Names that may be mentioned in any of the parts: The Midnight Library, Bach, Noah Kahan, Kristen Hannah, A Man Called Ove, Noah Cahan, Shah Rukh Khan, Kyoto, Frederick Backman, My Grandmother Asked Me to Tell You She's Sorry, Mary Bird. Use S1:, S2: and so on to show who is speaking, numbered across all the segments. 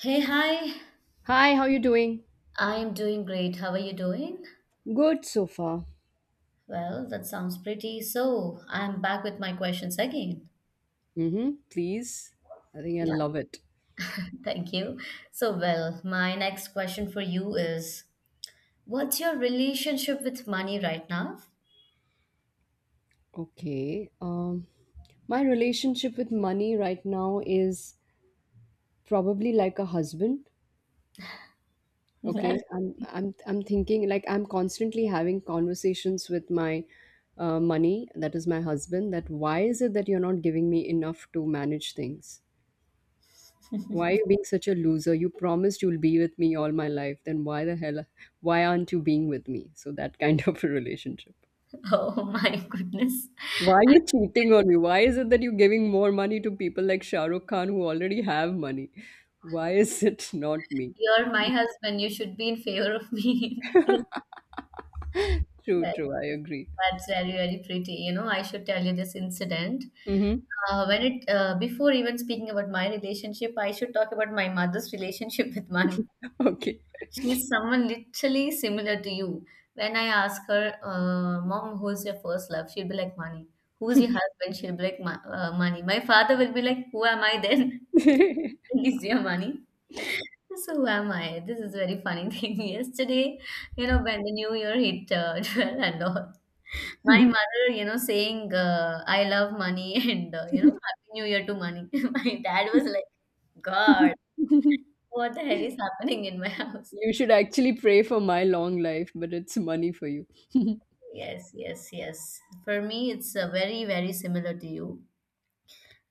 S1: Hey, hi.
S2: Hi, how you doing?
S1: I am doing great. How are you doing?
S2: Good so far.
S1: Well, that sounds pretty. So, I'm back with my questions again.
S2: Mm-hmm. Please. I think I
S1: Yeah,
S2: love it.
S1: thank you. So, well, my next question for you is, what's your relationship with money right now?
S2: Okay. My relationship with money right now is probably like a husband.
S1: Well,
S2: Okay. I'm thinking like I'm constantly having conversations with my money, that is my husband, that why is it that you're not giving me enough to manage things? Why are you being such a loser? You promised you'll be with me all my life. Then why the hell, why aren't you being with me? So that kind of a relationship.
S1: oh my goodness.
S2: Why are you cheating on me? Why is it that you're giving more money to people like Shah Rukh Khan who already have money? Why is it not me?
S1: You're my husband. You should be in favor of me.
S2: True,
S1: Well,
S2: true. I agree.
S1: that's very pretty. You know, I should tell you this incident.
S2: Mm-hmm.
S1: When it Before even speaking about my relationship, I should talk about my mother's relationship with money.
S2: Okay.
S1: She's someone literally similar to you. When I ask her, "Mom, who's your first love?" She'll be like, "Money." Who's your husband? She'll be like, "Money." My father will be like, "Who am I then?" He's your money. So who am I? This is very funny thing. Yesterday, you know, when the new year hit 12 and all, my
S2: You
S1: mother, you know, saying, I love money and, you know, Happy New Year to money. My dad was like, God, what the hell is happening in my house?
S2: should actually pray for my long life, but it's money for you.
S1: Yes, yes, yes. For me, it's very similar to you.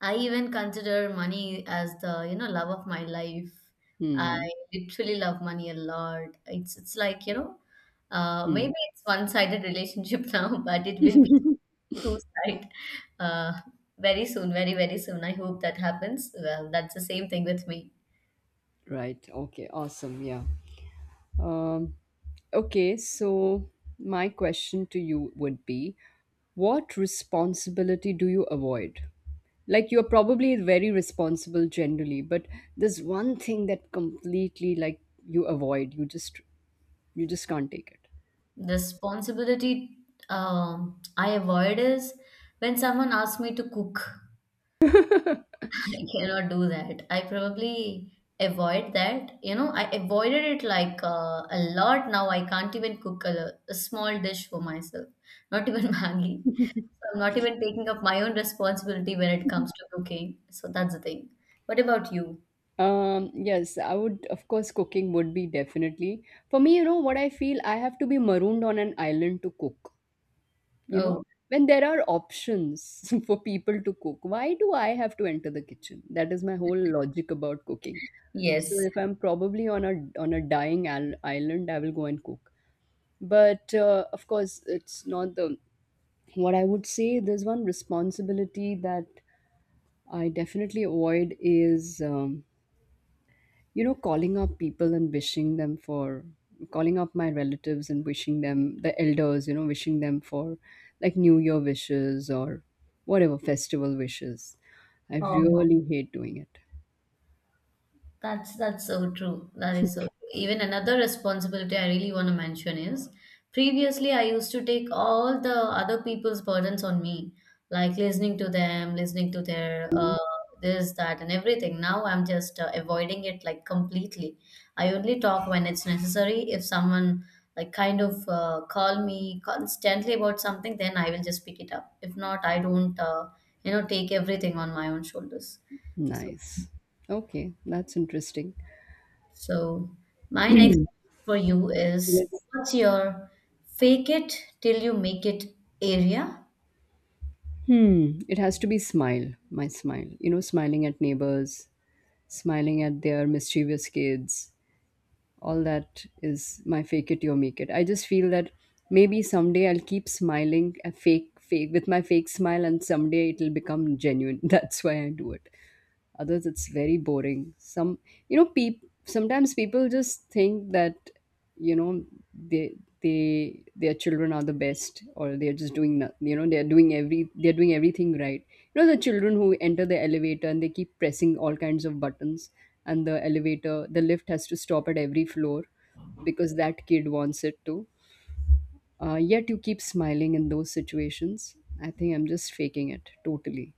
S1: I even consider money as the, you know, love of my life. I
S2: Hmm.
S1: literally love money a lot. It's like, you know,
S2: Hmm.
S1: maybe it's one-sided relationship now, but it will be two side. Uh, Very soon, very soon. I hope that happens. Well, that's the same thing with me.
S2: Right. Okay. Awesome. Yeah. Um. Okay, so my question to you would be, what responsibility do you avoid? Like you're probably very responsible generally, but there's one thing that completely like you avoid. You just can't take
S1: The responsibility I avoid is when someone asks me to cook.
S2: it.
S1: I cannot do that. I probably avoid that. You know, I avoided it like a lot now. I can't even cook a small dish for myself, not even Maggie. So I'm not even taking up my own responsibility when it comes to cooking. So that's the thing. What about you?
S2: Yes, I would, of course, cooking would be definitely. For me, you know, what I feel, I have to be marooned on an island to cook. You know,
S1: Oh,
S2: when there are options for people to cook, why do I have to enter the kitchen? That is my whole logic about cooking. So
S1: yes.
S2: if I'm probably on a dying island, I will go and cook, but of course it's not the, what I would say, there's one responsibility that I definitely avoid is, you know, calling up my relatives and wishing them, the elders, you know, wishing them for like New Year wishes or whatever festival wishes. I
S1: Oh,
S2: really hate doing it.
S1: that's so true. That is so true. Even another responsibility I really want to mention is, previously I used to take all the other people's burdens on me, like listening to them, listening to their this, that, and everything. Now I'm just avoiding it like completely. I only talk when it's necessary. If someone like kind of call me constantly about something, then I will just pick it up. If not, I don't, you know, take everything on my own shoulders.
S2: Nice. Okay, that's interesting.
S1: So, my next question for you is,
S2: Yes.
S1: what's your fake it till you make it area?
S2: Hmm. It has to be smile, my smile. You know, smiling at neighbors, smiling at their mischievous kids, all that is my fake it you make it. I just feel that maybe someday I'll keep smiling a fake with my fake smile and someday it'll become genuine that's why I do it. Others it's very boring. Some, peop sometimes people just think that, you know, they they their children are the best, or they're just doing, you know, they're doing every they're doing everything right. You know, the children who enter the elevator and they keep pressing all kinds of buttons, and the lift has to stop at every floor because that kid wants it to, yet you keep smiling in those situations. I think I'm just faking it totally.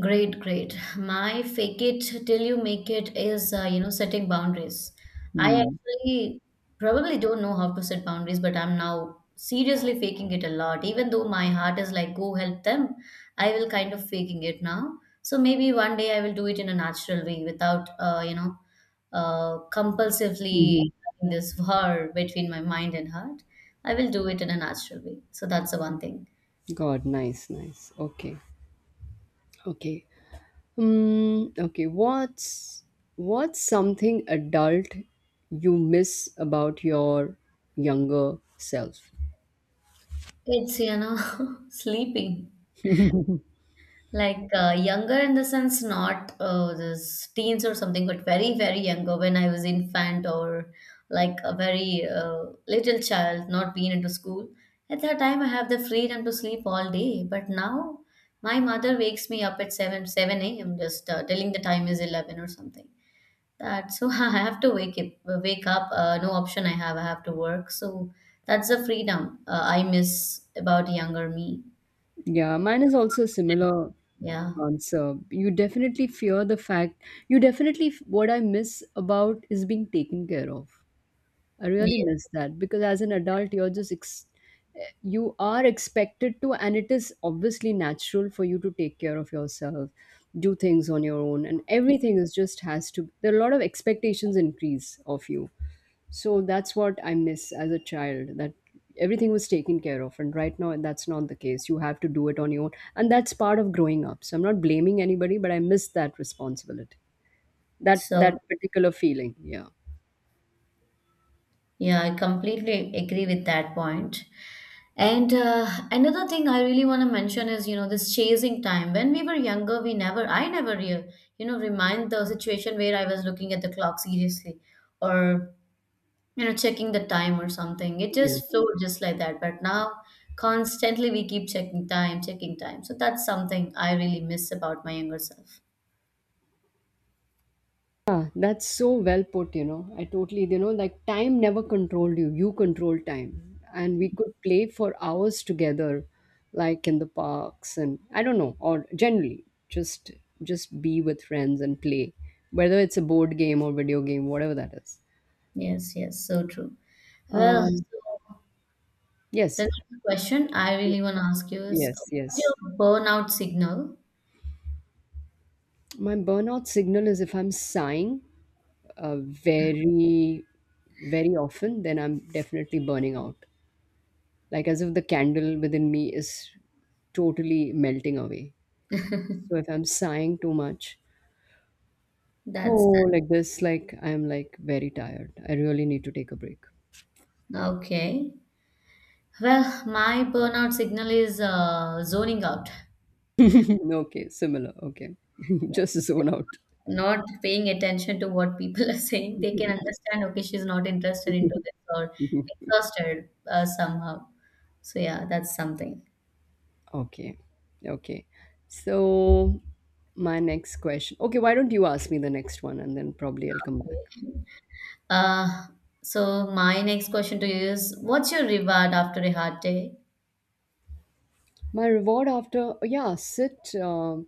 S1: Great, great. My fake it till you make it is, you know, setting boundaries. I
S2: Hmm.
S1: actually probably don't know how to set boundaries, but I'm now seriously faking it a lot. Even though my heart is like, go help them, I will kind of faking it now. So maybe one day I will do it in a natural way without, you know, compulsively
S2: Mhm.
S1: having this war between my mind and heart. I will do it in a natural way. So that's the one thing.
S2: God, nice, nice. Okay, okay. Okay. What's something adult you miss about your younger self?
S1: It's, you know, sleeping. Like younger in the sense, not this teens or something, but very younger when I was infant or like a very little child, not being into school. At that time, I have the freedom to sleep all day. But now, my mother wakes me up at 7 a.m. just telling the time is 11 or something. That so I have to wake up. Wake up. No option I have. I have to work. So that's the freedom I miss about younger me.
S2: Yeah, mine is also a similar
S1: Yeah.
S2: answer. You definitely fear the fact. You definitely, what I miss about is being taken care of. I really
S1: Yeah.
S2: miss that because as an adult, you're just you are expected to, and it is obviously natural for you to take care of yourself, do things on your own, and everything is just has to. There are a lot of expectations increase of you, so that's what I miss as a child. That everything was taken care of, and right now that's not the case. You have to do it on your own, and that's part of growing up. So I'm not blaming anybody, but I miss that responsibility, that
S1: So
S2: that particular feeling. Yeah.
S1: yeah, I completely agree with that point. And another thing I really want to mention is, you know, this chasing time. When we were younger, we never, I never, you know, remind the situation where I was looking at the clock seriously or, you know, checking the time or something. It
S2: Yes.
S1: just flowed just like that. But now, constantly we keep checking time, checking time. So that's something I really miss about my younger self.
S2: Yeah, that's so well put, you know. I totally, you know, like time never controlled you, you controlled time. And we could play for hours together, like in the parks and I don't know, or generally just be with friends and play, whether it's a board game or video game, whatever that is.
S1: Yes, yes, so true. Well,
S2: Um,
S1: so
S2: yes,
S1: the next question I really want to ask you is,
S2: yes,
S1: what's
S2: yes.
S1: your burnout signal?
S2: My burnout signal is if I'm sighing very, very often, then I'm definitely burning out. Like as if the candle within me is totally melting away. So if I'm sighing too much,
S1: That's
S2: oh, like this, like I'm like very tired. I really need to take a break.
S1: okay. Well, my burnout signal is zoning out,
S2: Okay, similar. Okay, just zone out.
S1: not paying attention to what people are saying. They can understand, okay, she's not interested into this or exhausted somehow. So yeah, that's something.
S2: Okay, okay. So my next question. Okay, why don't you ask me the next one and then probably I'll come back.
S1: Uh, so my next question to you is, what's your reward after a hard day?
S2: My reward after, yeah, sit,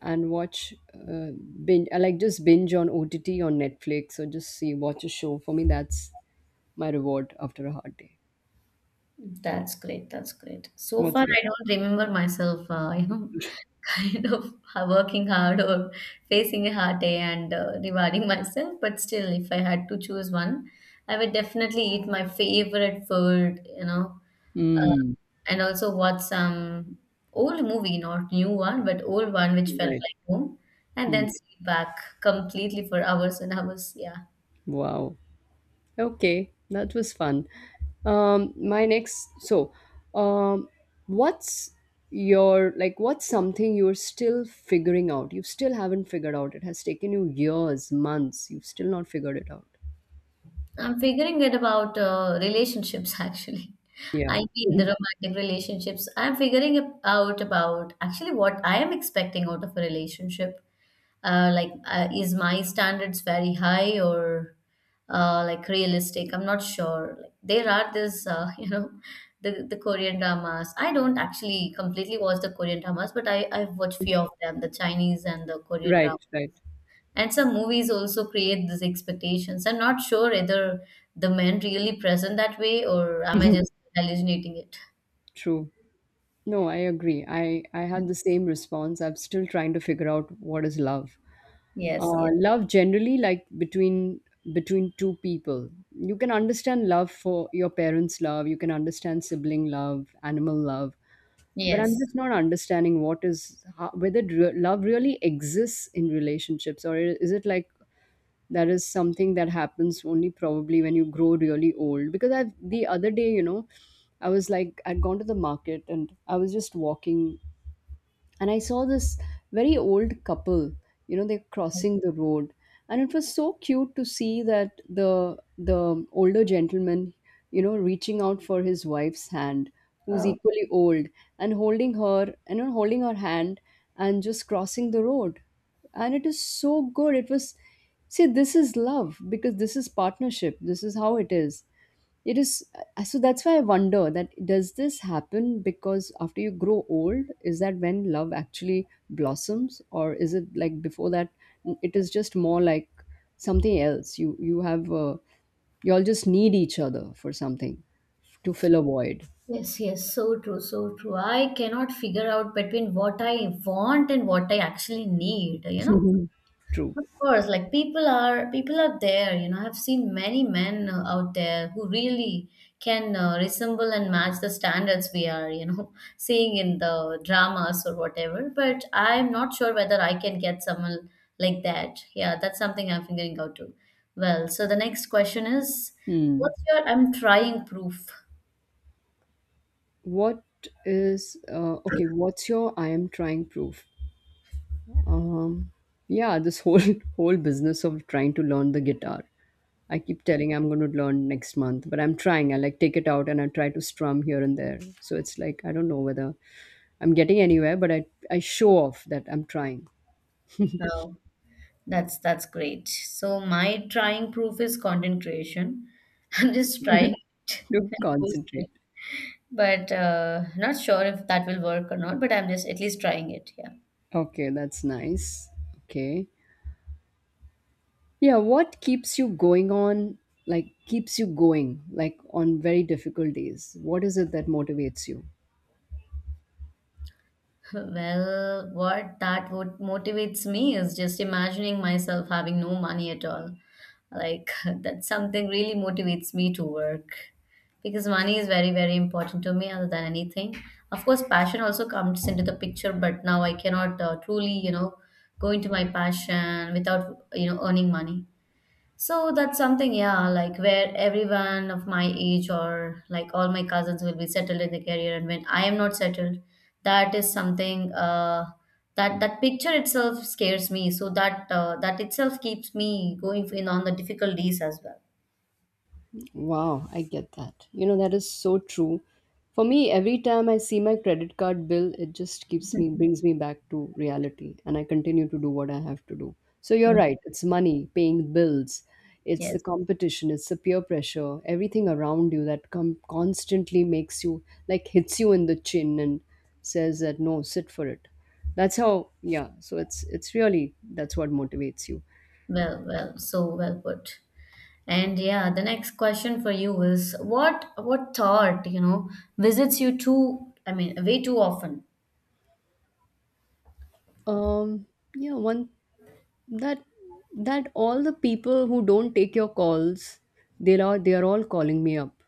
S2: and watch, binge, I like just binge on OTT on Netflix or just see, watch a show. For me, that's my reward after a hard day.
S1: That's great. That's great. So
S2: What's
S1: far,
S2: your?
S1: I don't remember myself, you know, kind of working hard or facing a hard day and rewarding myself. But still, if I had to choose one, I would definitely eat my favorite food, you know, uh,
S2: Hmm.
S1: and also watch some old movie, not new one, but old one which felt
S2: Right.
S1: like home, and
S2: Hmm.
S1: then sleep back completely for hours and hours. Yeah.
S2: Wow. Okay. That was fun. My next, so, um, what's your, like, what's something you're still figuring out? You still haven't figured out. It has taken you years, months. You've still not figured it out.
S1: I'm figuring it about relationships actually.
S2: Yeah.
S1: I mean the romantic relationships. I'm figuring it out about actually what I am expecting out of a relationship. Is my standards very high or like realistic? I'm not sure. Like, there are this, you know, the Korean dramas. I don't actually completely watch the Korean dramas, but I've watched few of them, the Chinese and the Korean
S2: Right,
S1: dramas
S2: right.
S1: and some movies also create these expectations. I'm not sure whether the men really present that way or am I just hallucinating it.
S2: True. No, I agree. I had the same response. I'm still trying to figure out what is love.
S1: Yes, yes,
S2: Love generally like between two people. You can understand love for your parents' love. You can understand sibling love, animal love. But I'm
S1: yes.
S2: just not understanding what is how, whether love really exists in relationships, or is it like that is something that happens only probably when you grow really old? Because I the other day, you know, I was like I'd gone to the market and I was just walking, and I saw this very old couple. You know, they're crossing the road, and it was so cute to see that the older gentleman, you know, reaching out for his wife's hand, who's equally old, and holding her and, you know, holding her hand and just crossing the road, and it is so good. It was, see, this is love because this is partnership. This is how it is. It is, so that's why I wonder that, does this happen because after you grow old, is that when love actually blossoms, or is it like before that? It is just more like something else. You all just need each other for something to fill a void.
S1: Yes, yes, so true, so true. I cannot figure out between what I want and what I actually need, you know.
S2: Mhm. True.
S1: Of course, like people are there, you know. I've seen many men out there who really can resemble and match the standards we are, you know, seeing in the dramas or whatever. But I'm not sure whether I can get someone like that. Yeah, that's something I'm figuring out too. Well, so the next question is,
S2: Hmm.
S1: what's your I'm trying proof?
S2: What is, okay? What's your I am trying proof? Um, yeah, this whole whole business of trying to learn the guitar. I keep telling I'm going to learn next month, but I'm trying. I like take it out and I try to strum here and there. So it's like I don't know whether I'm getting anywhere, but I show off that I'm trying
S1: Oh, that's great. So my trying proof is content creation. I'm just trying it
S2: to
S1: and posting.
S2: concentrate.
S1: But not sure if that will work or not, but I'm just at least trying it. Yeah.
S2: Okay, that's nice. Okay. Yeah, what keeps you going on, like keeps you going like on very difficult days? What is it that motivates you?
S1: Well, what that would motivates me is just imagining myself having no money at all. Like that's something really motivates me to work because money is very important to me other than anything. Of course, passion also comes into the picture, but now I cannot truly, you know, go into my passion without, you know, earning money. So that's something, yeah, like where everyone of my age or like all my cousins will be settled in the career, and when I am not settled, that is something that that picture itself scares me. So that that itself keeps me going in on the difficult days as well.
S2: Wow, I get that. You know, that is so true. For me, every time I see my credit card bill, it just keeps me, brings me back to reality, and I continue to do what I have to do. So you're
S1: Mm,
S2: right, it's money, paying bills, it's the
S1: yes,
S2: competition, it's the peer pressure, everything around you that constantly makes you, like, hits you in the chin and says that, no, sit for it. That's how, yeah, so it's really, that's what motivates you.
S1: well, well, so well put. And yeah, the next question for you is, what thought, you know, visits you too, I mean, way too often?
S2: Um, yeah, one that that all the people who don't take your calls, they are all calling me up,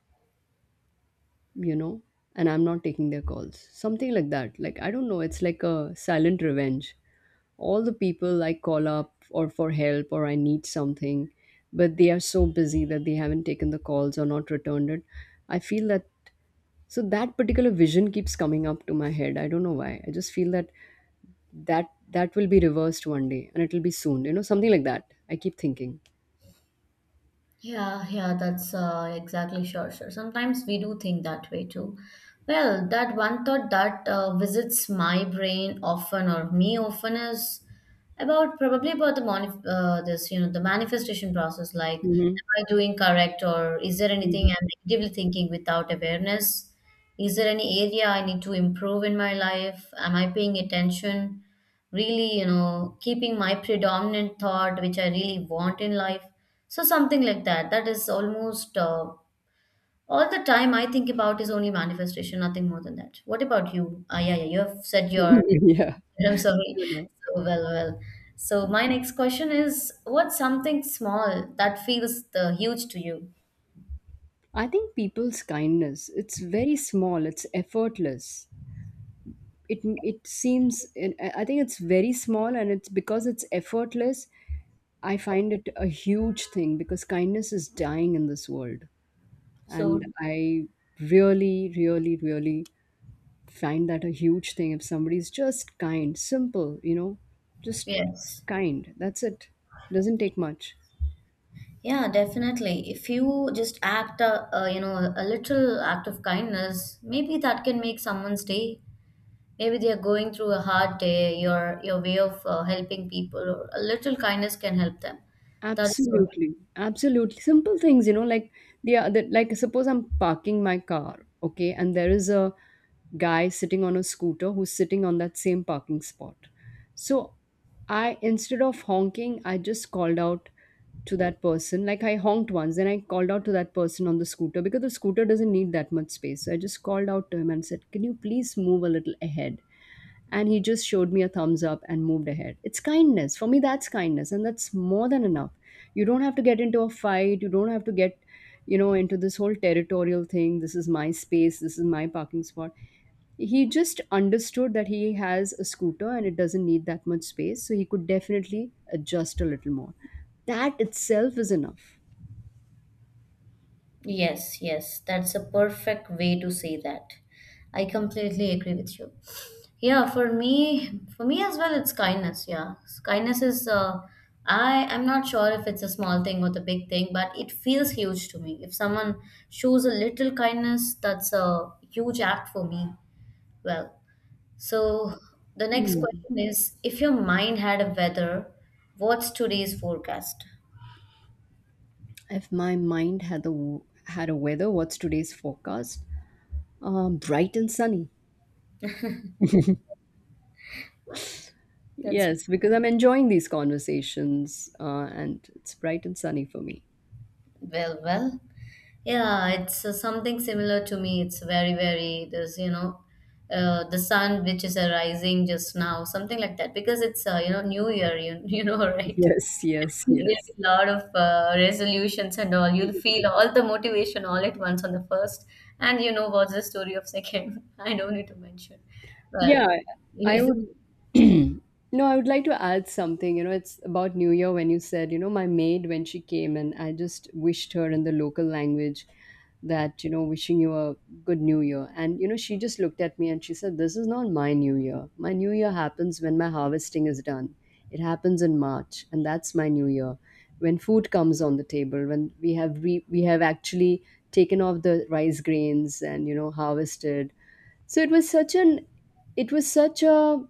S2: you know, and I'm not taking their calls, something like that. Like I don't know, it's like a silent revenge. All the people I call up or for help or I need something, but they are so busy that they haven't taken the calls or not returned it, I feel that. So that particular vision keeps coming up to my head, I don't know why. I just feel that that will be reversed one day and it will be soon, you know, something like that I keep thinking.
S1: Yeah, yeah, that's exactly, sure, sure. Sometimes we do think that way too. Well, that one thought that visits my brain often or me often is about probably about this, you know, the manifestation process. Like,
S2: Mhm.
S1: am I doing correct or is there
S2: Mhm.
S1: anything I'm negatively thinking without awareness? Is there any area I need to improve in my life? Am I paying attention? Really, you know, keeping my predominant thought, which I really want in life. So something like that. That is almost all the time I think about is only manifestation, nothing more than that. What about you? Ah, yeah, yeah, you have said your
S2: Yeah.
S1: I'm sorry.
S2: You know,
S1: So well, well. So my next question is, what's something small that feels the huge to you?
S2: I think people's kindness, it's very small, it's effortless. It seems, I think it's very small and it's because it's effortless, I find it a huge thing because kindness is dying in this world.
S1: So
S2: And I really, really, really find that a huge thing if somebody's just kind, simple, you know, just
S1: yes.
S2: kind. That's it. Doesn't take much.
S1: Yeah, definitely. If you just act a you know a little act of kindness, maybe that can make someone's day. Maybe they're going through a hard day, your way of helping people or a little kindness can help them. That is so,
S2: Absolutely, absolutely. Simple things, you know, like the other, like suppose I'm parking my car, okay, and there is a guy sitting on a scooter who's sitting on that same parking spot. So I, instead of honking, I just called out to that person. Like I honked once, then I called out to that person on the scooter because the scooter doesn't need that much space. So I just called out to him and said, can you please move a little ahead? And he just showed me a thumbs up and moved ahead. It's kindness for me. That's kindness, and that's more than enough. You don't have to get into a fight. You don't have to get, into this whole territorial thing. This is my space, this is my parking spot. He just understood that he has a scooter and it doesn't need that much space, so he could definitely adjust a little more. That itself is enough.
S1: yes, yes, that's a perfect way to say that. I completely agree with you. Yeah, for me, for me as well, it's kindness. Yeah, kindness is, I'm not sure if it's a small thing or the big thing, but it feels huge to me if someone shows a little kindness, that's a huge act for me. Well, so the next
S2: Mm.
S1: question is, if your mind had a weather, what's today's forecast?
S2: If my mind had a weather, what's today's forecast? Bright and sunny.
S1: That's
S2: Yes, because I'm enjoying these conversations, and it's bright and sunny for me.
S1: well, well. Yeah, it's something similar to me. It's very, there's, you know, the sun which is arising just now, something like that, because it's, you know, New Year, you, you know, right?
S2: Yes, yes,
S1: There will be
S2: yes.
S1: a lot of resolutions and all. You'll feel all the motivation all at once on the first, and you know what's the story of second. I don't need to mention. Well,
S2: Yeah, I
S1: you.
S2: would. No, I would like to add something. It's about New Year. When you said, my maid, when she came, and I just wished her in the local language, that, wishing you a good New Year. And she just looked at me and she said, This is not my New Year. My New Year happens when my harvesting is done. It happens in March, and that's my New Year. When food comes on the table, when we have we have actually taken off the rice grains and, harvested. So it was such a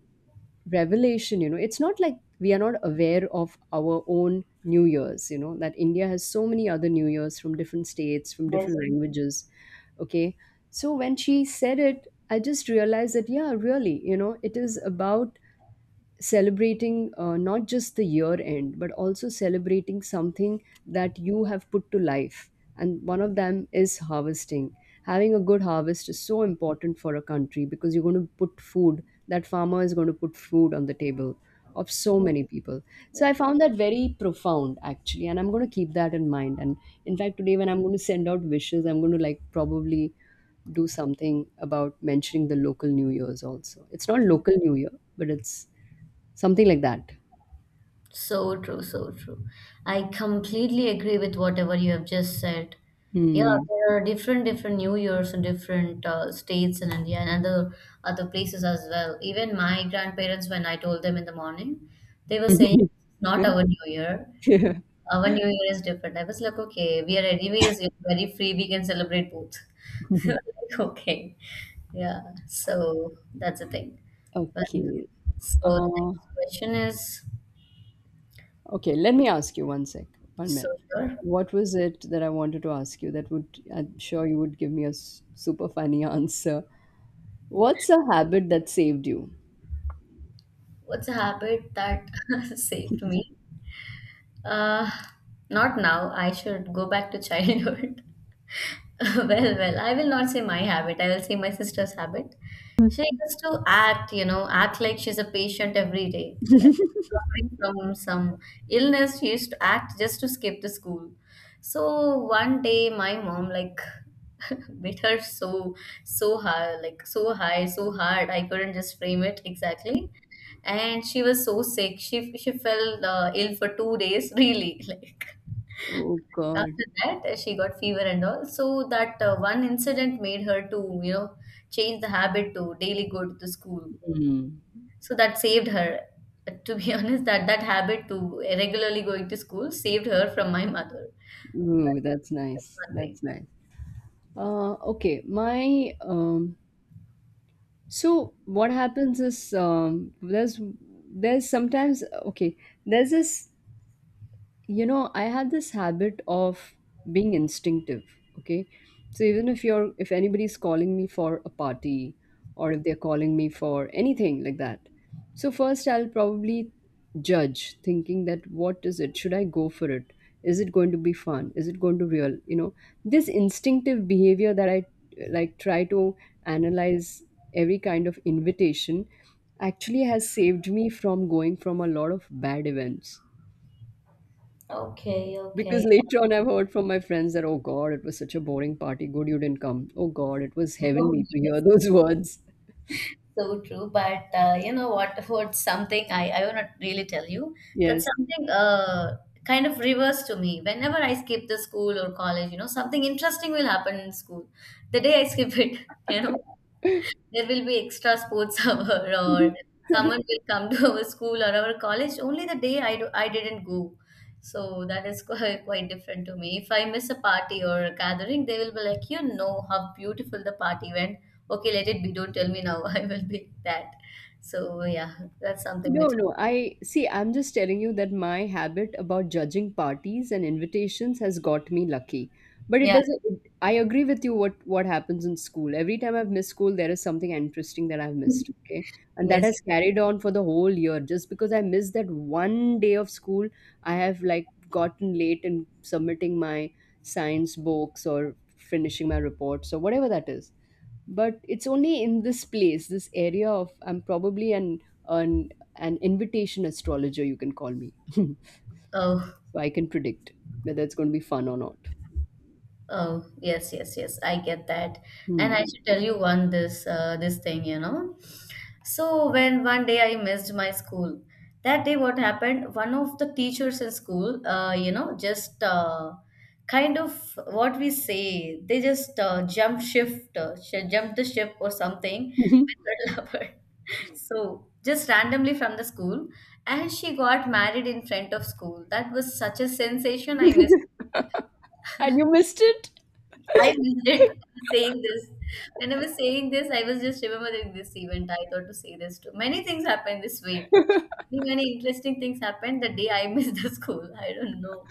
S2: revelation. It's not like we are not aware of our own New Year's, that India has so many other New Year's from different states, from
S1: Yes.
S2: different languages. Okay. So when she said it, I just realized that, yeah, really, it is about celebrating, not just the year end but also celebrating something that you have put to life. And one of them is harvesting. Having a good harvest is so important for a country, because you're going to put food, that farmer is going to put food on the table of so many
S1: Yes.
S2: people. So I found that very profound, actually, and I'm going to keep that in mind. And in fact, today, when I'm going to send out wishes, I'm going to, like, probably do something about mentioning the local New Year's also. It's not local New Year, but it's something like that.
S1: So true, so true. I completely agree with whatever you have just said. Yeah,
S2: Hmm.
S1: there are different New Years in different states in India and other places as well. Even my grandparents, when I told them in the morning, they were saying it's not our New Year.
S2: Yeah.
S1: Our New Year is different. I was like, okay, we are anyways very free. We can celebrate both. Like, okay, yeah. So that's the thing. But
S2: Okay.
S1: so the
S2: Uh,
S1: next question is.
S2: okay, let me ask you one sec, one
S1: So
S2: minute.
S1: sure.
S2: What was it that I wanted to ask you that would, I'm sure you would give me a super funny answer. What's a habit that saved you?
S1: What's a habit that saved me? Uh, Not now. I should go back to childhood. Well, I will not say my habit. I will say my sister's habit. She used to act like she's a patient every day, like suffering from some illness. She used to act just to skip the school. So one day, my mom like beat her so high, like so high, so hard I couldn't just frame it exactly. And she was so sick she fell ill for 2 days, really. Like
S2: Oh God.
S1: after that, she got fever and all, so that one incident made her to change the habit, to daily go to the school,
S2: Mm.
S1: so that saved her. To be honest, that habit to regularly going to school saved her from my mother.
S2: Ooh, that's
S1: That's
S2: nice.
S1: one thing.
S2: That's nice. Okay, my so what happens is, there's sometimes, okay, there's this, I had this habit of being instinctive, okay. So even if anybody's calling me for a party, or if they're calling me for anything like that, so first I'll probably judge, thinking that, what is it, should I go for it, is it going to be fun, is it going to real, this instinctive behavior that I, like, try to analyze every kind of invitation, actually has saved me from going from a lot of bad events.
S1: Okay,
S2: Because
S1: okay.
S2: later on, I've heard from my friends that, oh God, it was such a boring party. Good you didn't come. Oh God, it was
S1: Oh,
S2: heavenly to hear
S1: yes.
S2: those words.
S1: So true, but you know what? What something I will not really tell you. That's
S2: Yes.
S1: something kind of reverse to me. Whenever I skip the school or college, you know, something interesting will happen in school. The day I skip it, you know there will be extra sports hour, or someone will come to our school or our college only the day I didn't go. So that is quite, quite different to me. If I miss a party or a gathering, they will be like, you know how beautiful the party went. Okay, let it be. Don't tell me now. I will be that. So yeah, that's something
S2: No,
S1: with
S2: no. I see, I'm just telling you that my habit about judging parties and invitations has got me lucky. But it
S1: yeah.
S2: doesn't, I agree with you, what happens in school. Every time I've missed school, there is something interesting that I've missed, okay? And that
S1: Yes.
S2: has carried on for the whole year. Just because I missed that one day of school, I have, like, gotten late in submitting my science books or finishing my reports or whatever that is, but it's only in this place, this area of, I'm probably an an, an invitation astrologer, you can call me, so
S1: Oh,
S2: I can predict whether it's going to be fun or not.
S1: oh, yes, yes, yes. I get that. And I
S2: Hmm.
S1: should tell you one this thing. So when one day I missed my school, that day what happened? One of the teachers in school, just kind of, what we say, they just jump the ship or something with her lover. So just randomly from the school, and she got married in front of school. That was such a sensation. I missed.
S2: And you missed it.
S1: I missed it. Saying this, when I was saying this, I was just remembering this event. I thought to say this too. Many things happen this way. Many interesting things happened the day I missed the school. I don't know.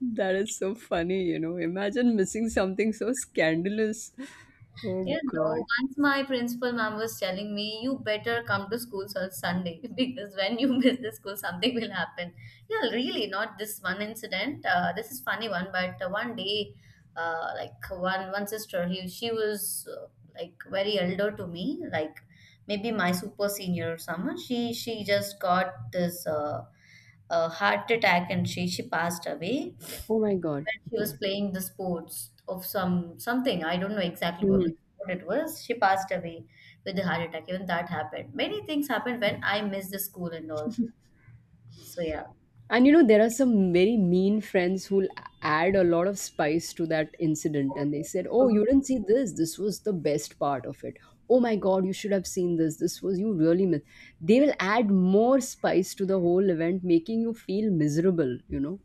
S2: That is so funny, imagine missing something so scandalous. Oh
S1: Yeah,
S2: God.
S1: no. Once my principal mom was telling me, you better come to school on Sunday because when you miss the school, something will happen. Yeah, really, not this one incident. This is funny one, but one day, like one sister, she was, like, very elder to me, like maybe my super senior or someone. She just got this heart attack, and she passed away
S2: Oh my God.
S1: when she was
S2: Okay.
S1: playing the sports of something, I don't know exactly what,
S2: Hmm.
S1: which sport it was. She passed away with a heart attack. Even that happened. Many things happened when I missed the school and all. So yeah.
S2: And there are some very mean friends who'll add a lot of spice to that incident.
S1: So,
S2: And they said,
S1: so,
S2: Oh, you didn't see this. This was the best part of it. Oh my God, you should have seen this. This was, you really missed. They will add more spice to the whole event, making you feel miserable, you know?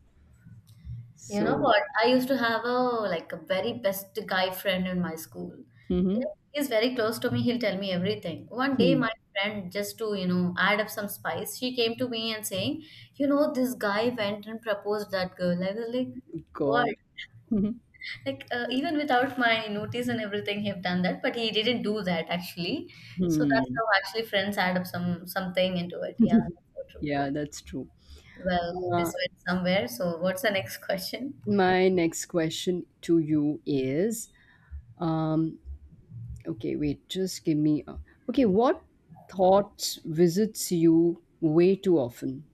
S1: you know
S2: So,
S1: what? I used to have a, like, a very best guy friend in my school.
S2: mm-hmm.
S1: Like, he's very close to me. He'll tell me everything. One day,
S2: Hmm,
S1: my friend, just to add up some spice, she came to me and saying, you know, this guy went and proposed that girl. I was like,
S2: God.
S1: what?
S2: Mhm.
S1: Like even without my notice and everything, he have done that, but he didn't do that actually. So that's
S2: Hmm.
S1: how actually friends add up something into it. Yeah, that's so true.
S2: Yeah, that's true.
S1: Well, this
S2: Uh,
S1: went somewhere. So what's the next question?
S2: my next question to you is, um, okay, wait, just give me a. Okay, what thoughts visits you way too often?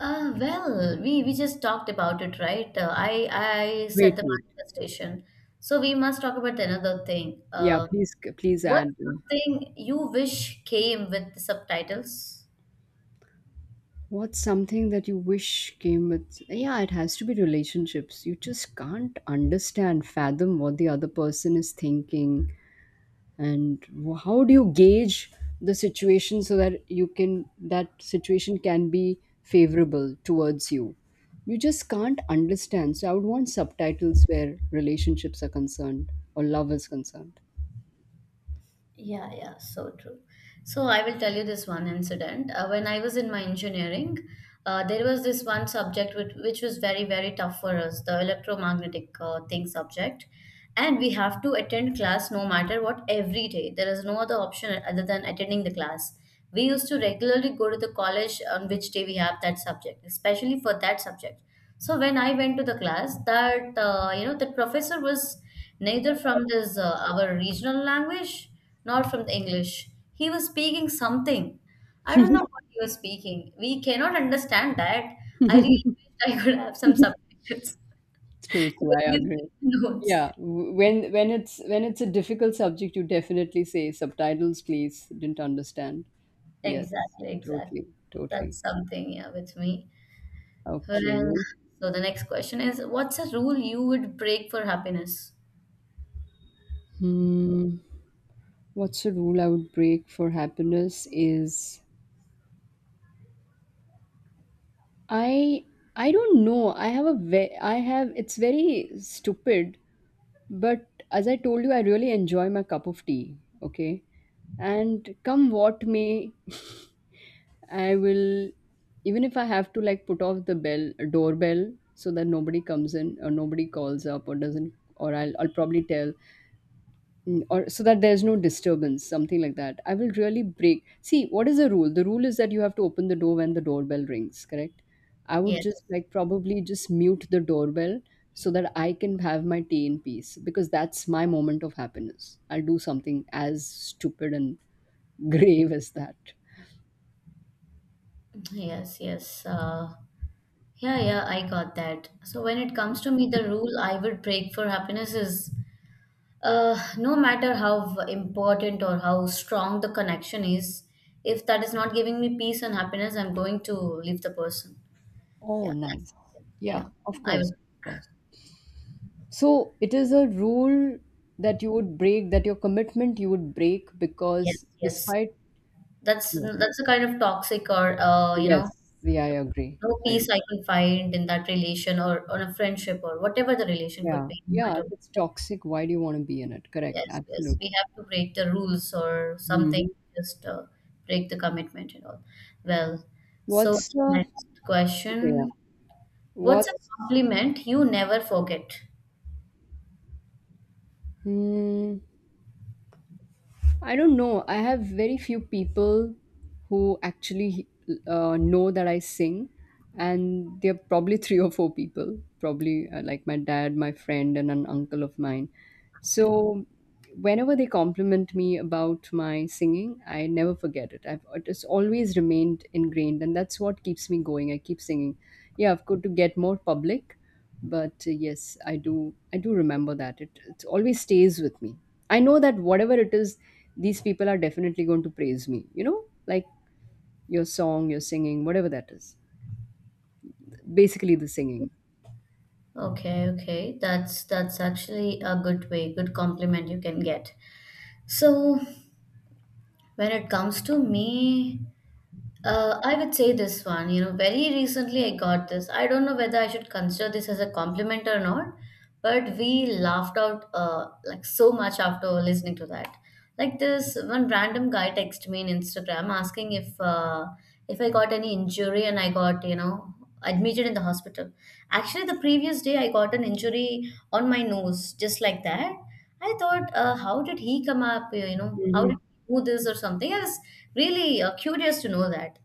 S1: Well, we just talked about it, right? I said
S2: Wait,
S1: the
S2: wait.
S1: manifestation. So we must talk about another thing.
S2: Yeah, please, please
S1: What's
S2: add.
S1: something you wish came with the subtitles?
S2: What's something that you wish came with? Yeah, it has to be relationships. You just can't understand, fathom what the other person is thinking, and how do you gauge the situation, so that you can that situation can be favorable towards you. You just can't understand, so I would want subtitles where relationships are concerned, or love is concerned.
S1: Yeah, yeah, so true. So I will tell you this one incident. When I was in my engineering, there was this one subject, which was very, very tough for us, the electromagnetic thing subject. And we have to attend class, no matter what, every day. There is no other option other than attending the class. We used to regularly go to the college on which day we have that subject, especially for that subject. So when I went to the class, the professor was neither from this our regional language, not from the English. He was speaking something. I don't know what he was speaking. We cannot understand that. I really wish I could have some subtitles
S2: True,
S1: to
S2: true,
S1: at
S2: I
S1: least get
S2: agree.
S1: the notes.
S2: Yeah, when it's a difficult subject, you definitely say, subtitles, please, didn't understand. Yes,
S1: Exactly, exactly.
S2: totally, totally.
S1: That's something, yeah, with me. Well,
S2: Okay.
S1: so the next question is, what's a rule you would break for happiness?
S2: Hmm. What's a rule I would break for happiness is, I I don't know. I have a ve- I have It's very stupid, but as I told you, I really enjoy my cup of tea. Okay, and come what may, I will, even if I have to, like, put off the bell doorbell so that nobody comes in, or nobody calls up, or doesn't, or I'll probably tell, Mm, or so that there's no disturbance, something like that. I will really break, see what is the rule. The rule is that you have to open the door when the doorbell rings, correct. I would
S1: Yes,
S2: just, like, probably just mute the doorbell, so that I can have my tea in peace, because that's my moment of happiness. I'll do something as stupid and grave as that.
S1: yes, yes. Yeah, yeah, I got that. So when it comes to me, the rule I would break for happiness is, no matter how important or how strong the connection is, if that is not giving me peace and happiness, I'm going to leave the person.
S2: Oh,
S1: Yeah, that's
S2: nice.
S1: something.
S2: Yeah,
S1: Yeah.
S2: of
S1: I
S2: course,
S1: will.
S2: of course. So it is a rule that you would break, that your commitment you would break,
S1: Yes,
S2: because
S1: yes.
S2: despite,
S1: That's
S2: yes.
S1: that's a kind of toxic, or
S2: Yes. Yeah, I agree.
S1: no
S2: I agree.
S1: peace I can find in that relation or on a friendship or whatever the relation could
S2: Yeah.
S1: be. No
S2: Yeah. If
S1: matter.
S2: it's toxic, why do you want to be in it? Correct.
S1: Yes, yes.
S2: Absolutely.
S1: We have to break the rules or
S2: Hmm.
S1: something. Just break the commitment and all. Well, so
S2: What's,
S1: next
S2: okay, yeah.
S1: question. What's a
S2: What's,
S1: compliment you never forget?
S2: hmm, I don't know. I have very few people who actually, know that I sing, and they're probably three or four people. Probably, like my dad, my friend, and an uncle of mine. So, whenever they compliment me about my singing, I never forget it. I've It's always remained ingrained, and that's what keeps me going. I keep singing. Yeah, I've got to get more public, but, yes, I do. I do remember that it always stays with me. I know that whatever it is, these people are definitely going to praise me. You know, like your song, your singing, whatever that is. Basically, the singing.
S1: Okay, okay. That's actually a good way, good compliment you can get. So when it comes to me, I would say this one, very recently I got this. I don't know whether I should consider this as a compliment or not, but we laughed out like so much after listening to that. Like, this one random guy texted me on Instagram asking if I got any injury and I got admitted in the hospital. Actually, the previous day I got an injury on my nose, just like that. I thought, how did he come up, how did
S2: Mhm.
S1: who this or something. I was really curious to know that.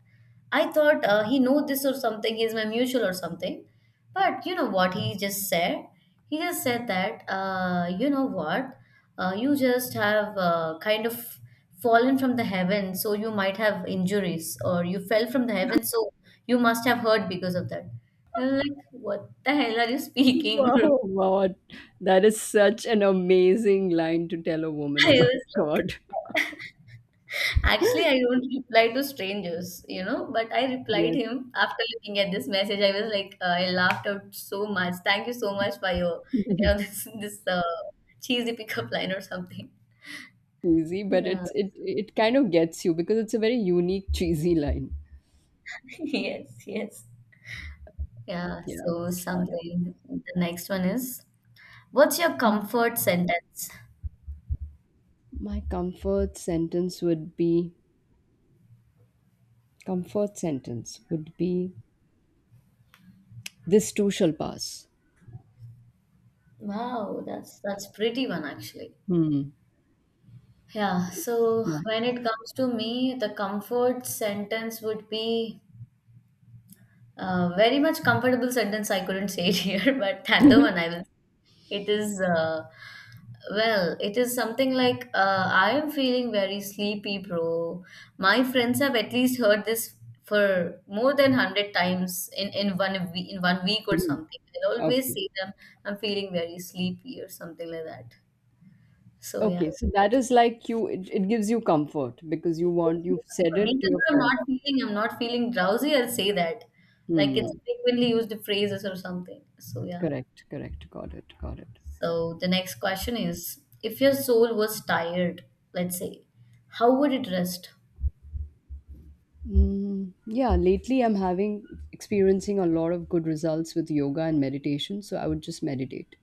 S1: I thought he know this or something. He's my mutual or something. But you know what he just said? He just said that, "You know what, you just have, kind of, fallen from the heaven, so you might have injuries, or you fell from the heaven, so you must have hurt because of that." I was like, "What the hell are you speaking, bro?"
S2: Wow, God, that is such an amazing line to tell a woman.
S1: I
S2: Oh my
S1: was
S2: God.
S1: like. Actually, I don't reply to strangers, but I replied
S2: Yes,
S1: him after looking at this message. I was like, "I laughed out so much. Thank you so much for your, this cheesy pickup line or something."
S2: cheesy, but
S1: Yeah.
S2: it kind of gets you, because it's a very unique cheesy line.
S1: Yes, yes. Yeah.
S2: Yeah,
S1: So
S2: it's fun.
S1: something. The next one is, what's your
S2: Mm.
S1: comfort sentence?
S2: My comfort sentence would be, comfort sentence would be this too shall pass.
S1: Wow, that's pretty one actually.
S2: Hmm.
S1: Yeah, so
S2: My,
S1: when it comes to me, the comfort sentence would be, very much comfortable sentence I couldn't say it here, but the one I will. It is well, it is something like, "I am feeling very sleepy, bro." My friends have at least heard this for more than 100 times in one week, in one week or
S2: hmm.
S1: something. I always
S2: Okay.
S1: say them, "I'm feeling very sleepy" or something like that. So yeah.
S2: Okay, so that is, like, you, it gives you comfort because
S1: it Gives me
S2: you've said
S1: comfort,
S2: it
S1: even
S2: to your
S1: though I'm
S2: friend.
S1: not feeling, I'm not feeling drowsy. I'll say that, like it's
S2: Hmm.
S1: a frequently used phrases or something. So yeah.
S2: Correct, correct. Got it, got it.
S1: So the next question is, if your soul was tired, let's say, how would it rest?
S2: Mm, yeah, lately I'm having experiencing a lot of good results with yoga and meditation, so I would just meditate.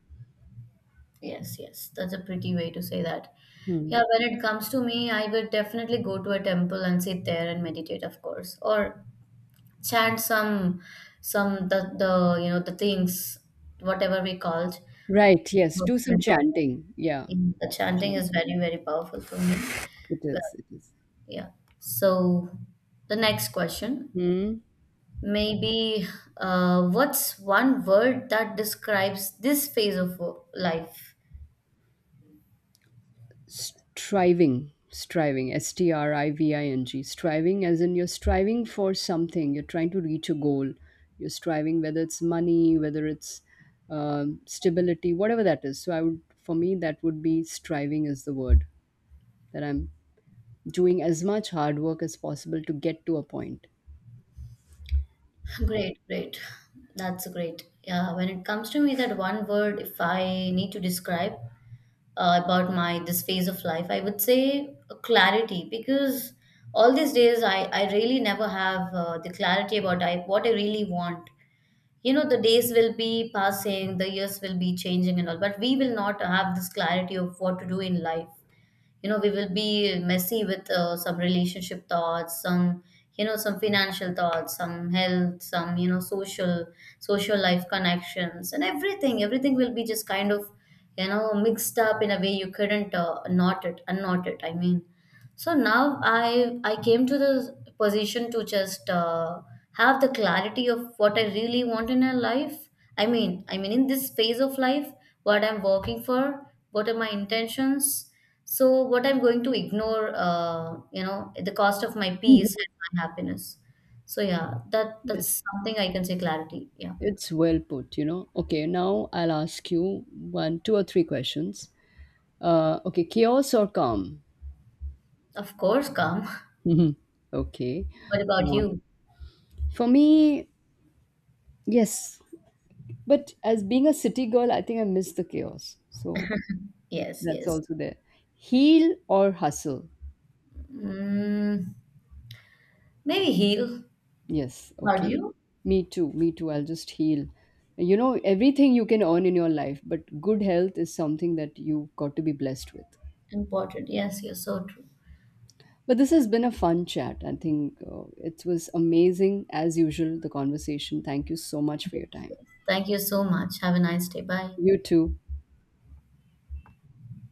S1: Yes, yes, that's a pretty way to say that.
S2: Hmm.
S1: Yeah, when it comes to me, I would definitely go to a temple and sit there and meditate, of course, or chant some the you know the things, whatever we call it.
S2: Right, yes, do some chanting. Yeah,
S1: The chanting
S2: chant.
S1: is very, very powerful for me.
S2: It
S1: Well,
S2: is, it is.
S1: yeah. So the next question.
S2: Hmm.
S1: Maybe, what's one word that describes this phase of life?
S2: Striving, striving, S T R I V I N G, striving as in you're striving for something, you're trying to reach a goal, you're striving, whether it's money, whether it's, stability, whatever that is. So I would, for me, that would be striving is the word that I'm doing as much hard work as possible to get to a point.
S1: Great, great. That's great. Yeah, when it comes to me, that one word, if I need to describe about my this phase of life, I would say clarity, because all these days I really never have the clarity about what I really want. The days will be passing, the years will be changing and all, but we will not have this clarity of what to do in life. We will be messy with some relationship thoughts, some you know some financial thoughts, some health, some social life connections, and everything will be just kind of mixed up in a way you couldn't knot it unknot it, I mean. So now I came to the position to just have the clarity of what I really want in a life. I mean, in this phase of life, what I'm working for, what are my intentions. So what I'm going to ignore, at the cost of my peace
S2: Mhm.
S1: and my happiness. So yeah, that
S2: Yes,
S1: that's something I can say, clarity. Yeah,
S2: it's well put. Okay, now I'll ask you one, two, or three questions. Okay, chaos or calm?
S1: of course, calm.
S2: Mhm. Okay.
S1: What about
S2: Uh,
S1: you?
S2: For me, yes. But as being a city girl, I think I miss the chaos. So
S1: Yes,
S2: that's
S1: yes.
S2: also there. Heal or hustle?
S1: Mm, maybe heal.
S2: Yes,
S1: About
S2: okay.
S1: you?
S2: Me too, me too. I'll just heal. You know, everything you can earn in your life, but good health is something that you've got to be blessed with.
S1: Important. Yes, you're so true.
S2: But this has been a fun chat. I think, it was amazing, as usual, the conversation. Thank you so much for your time.
S1: Thank you so much. Have a nice day. Bye.
S2: You too.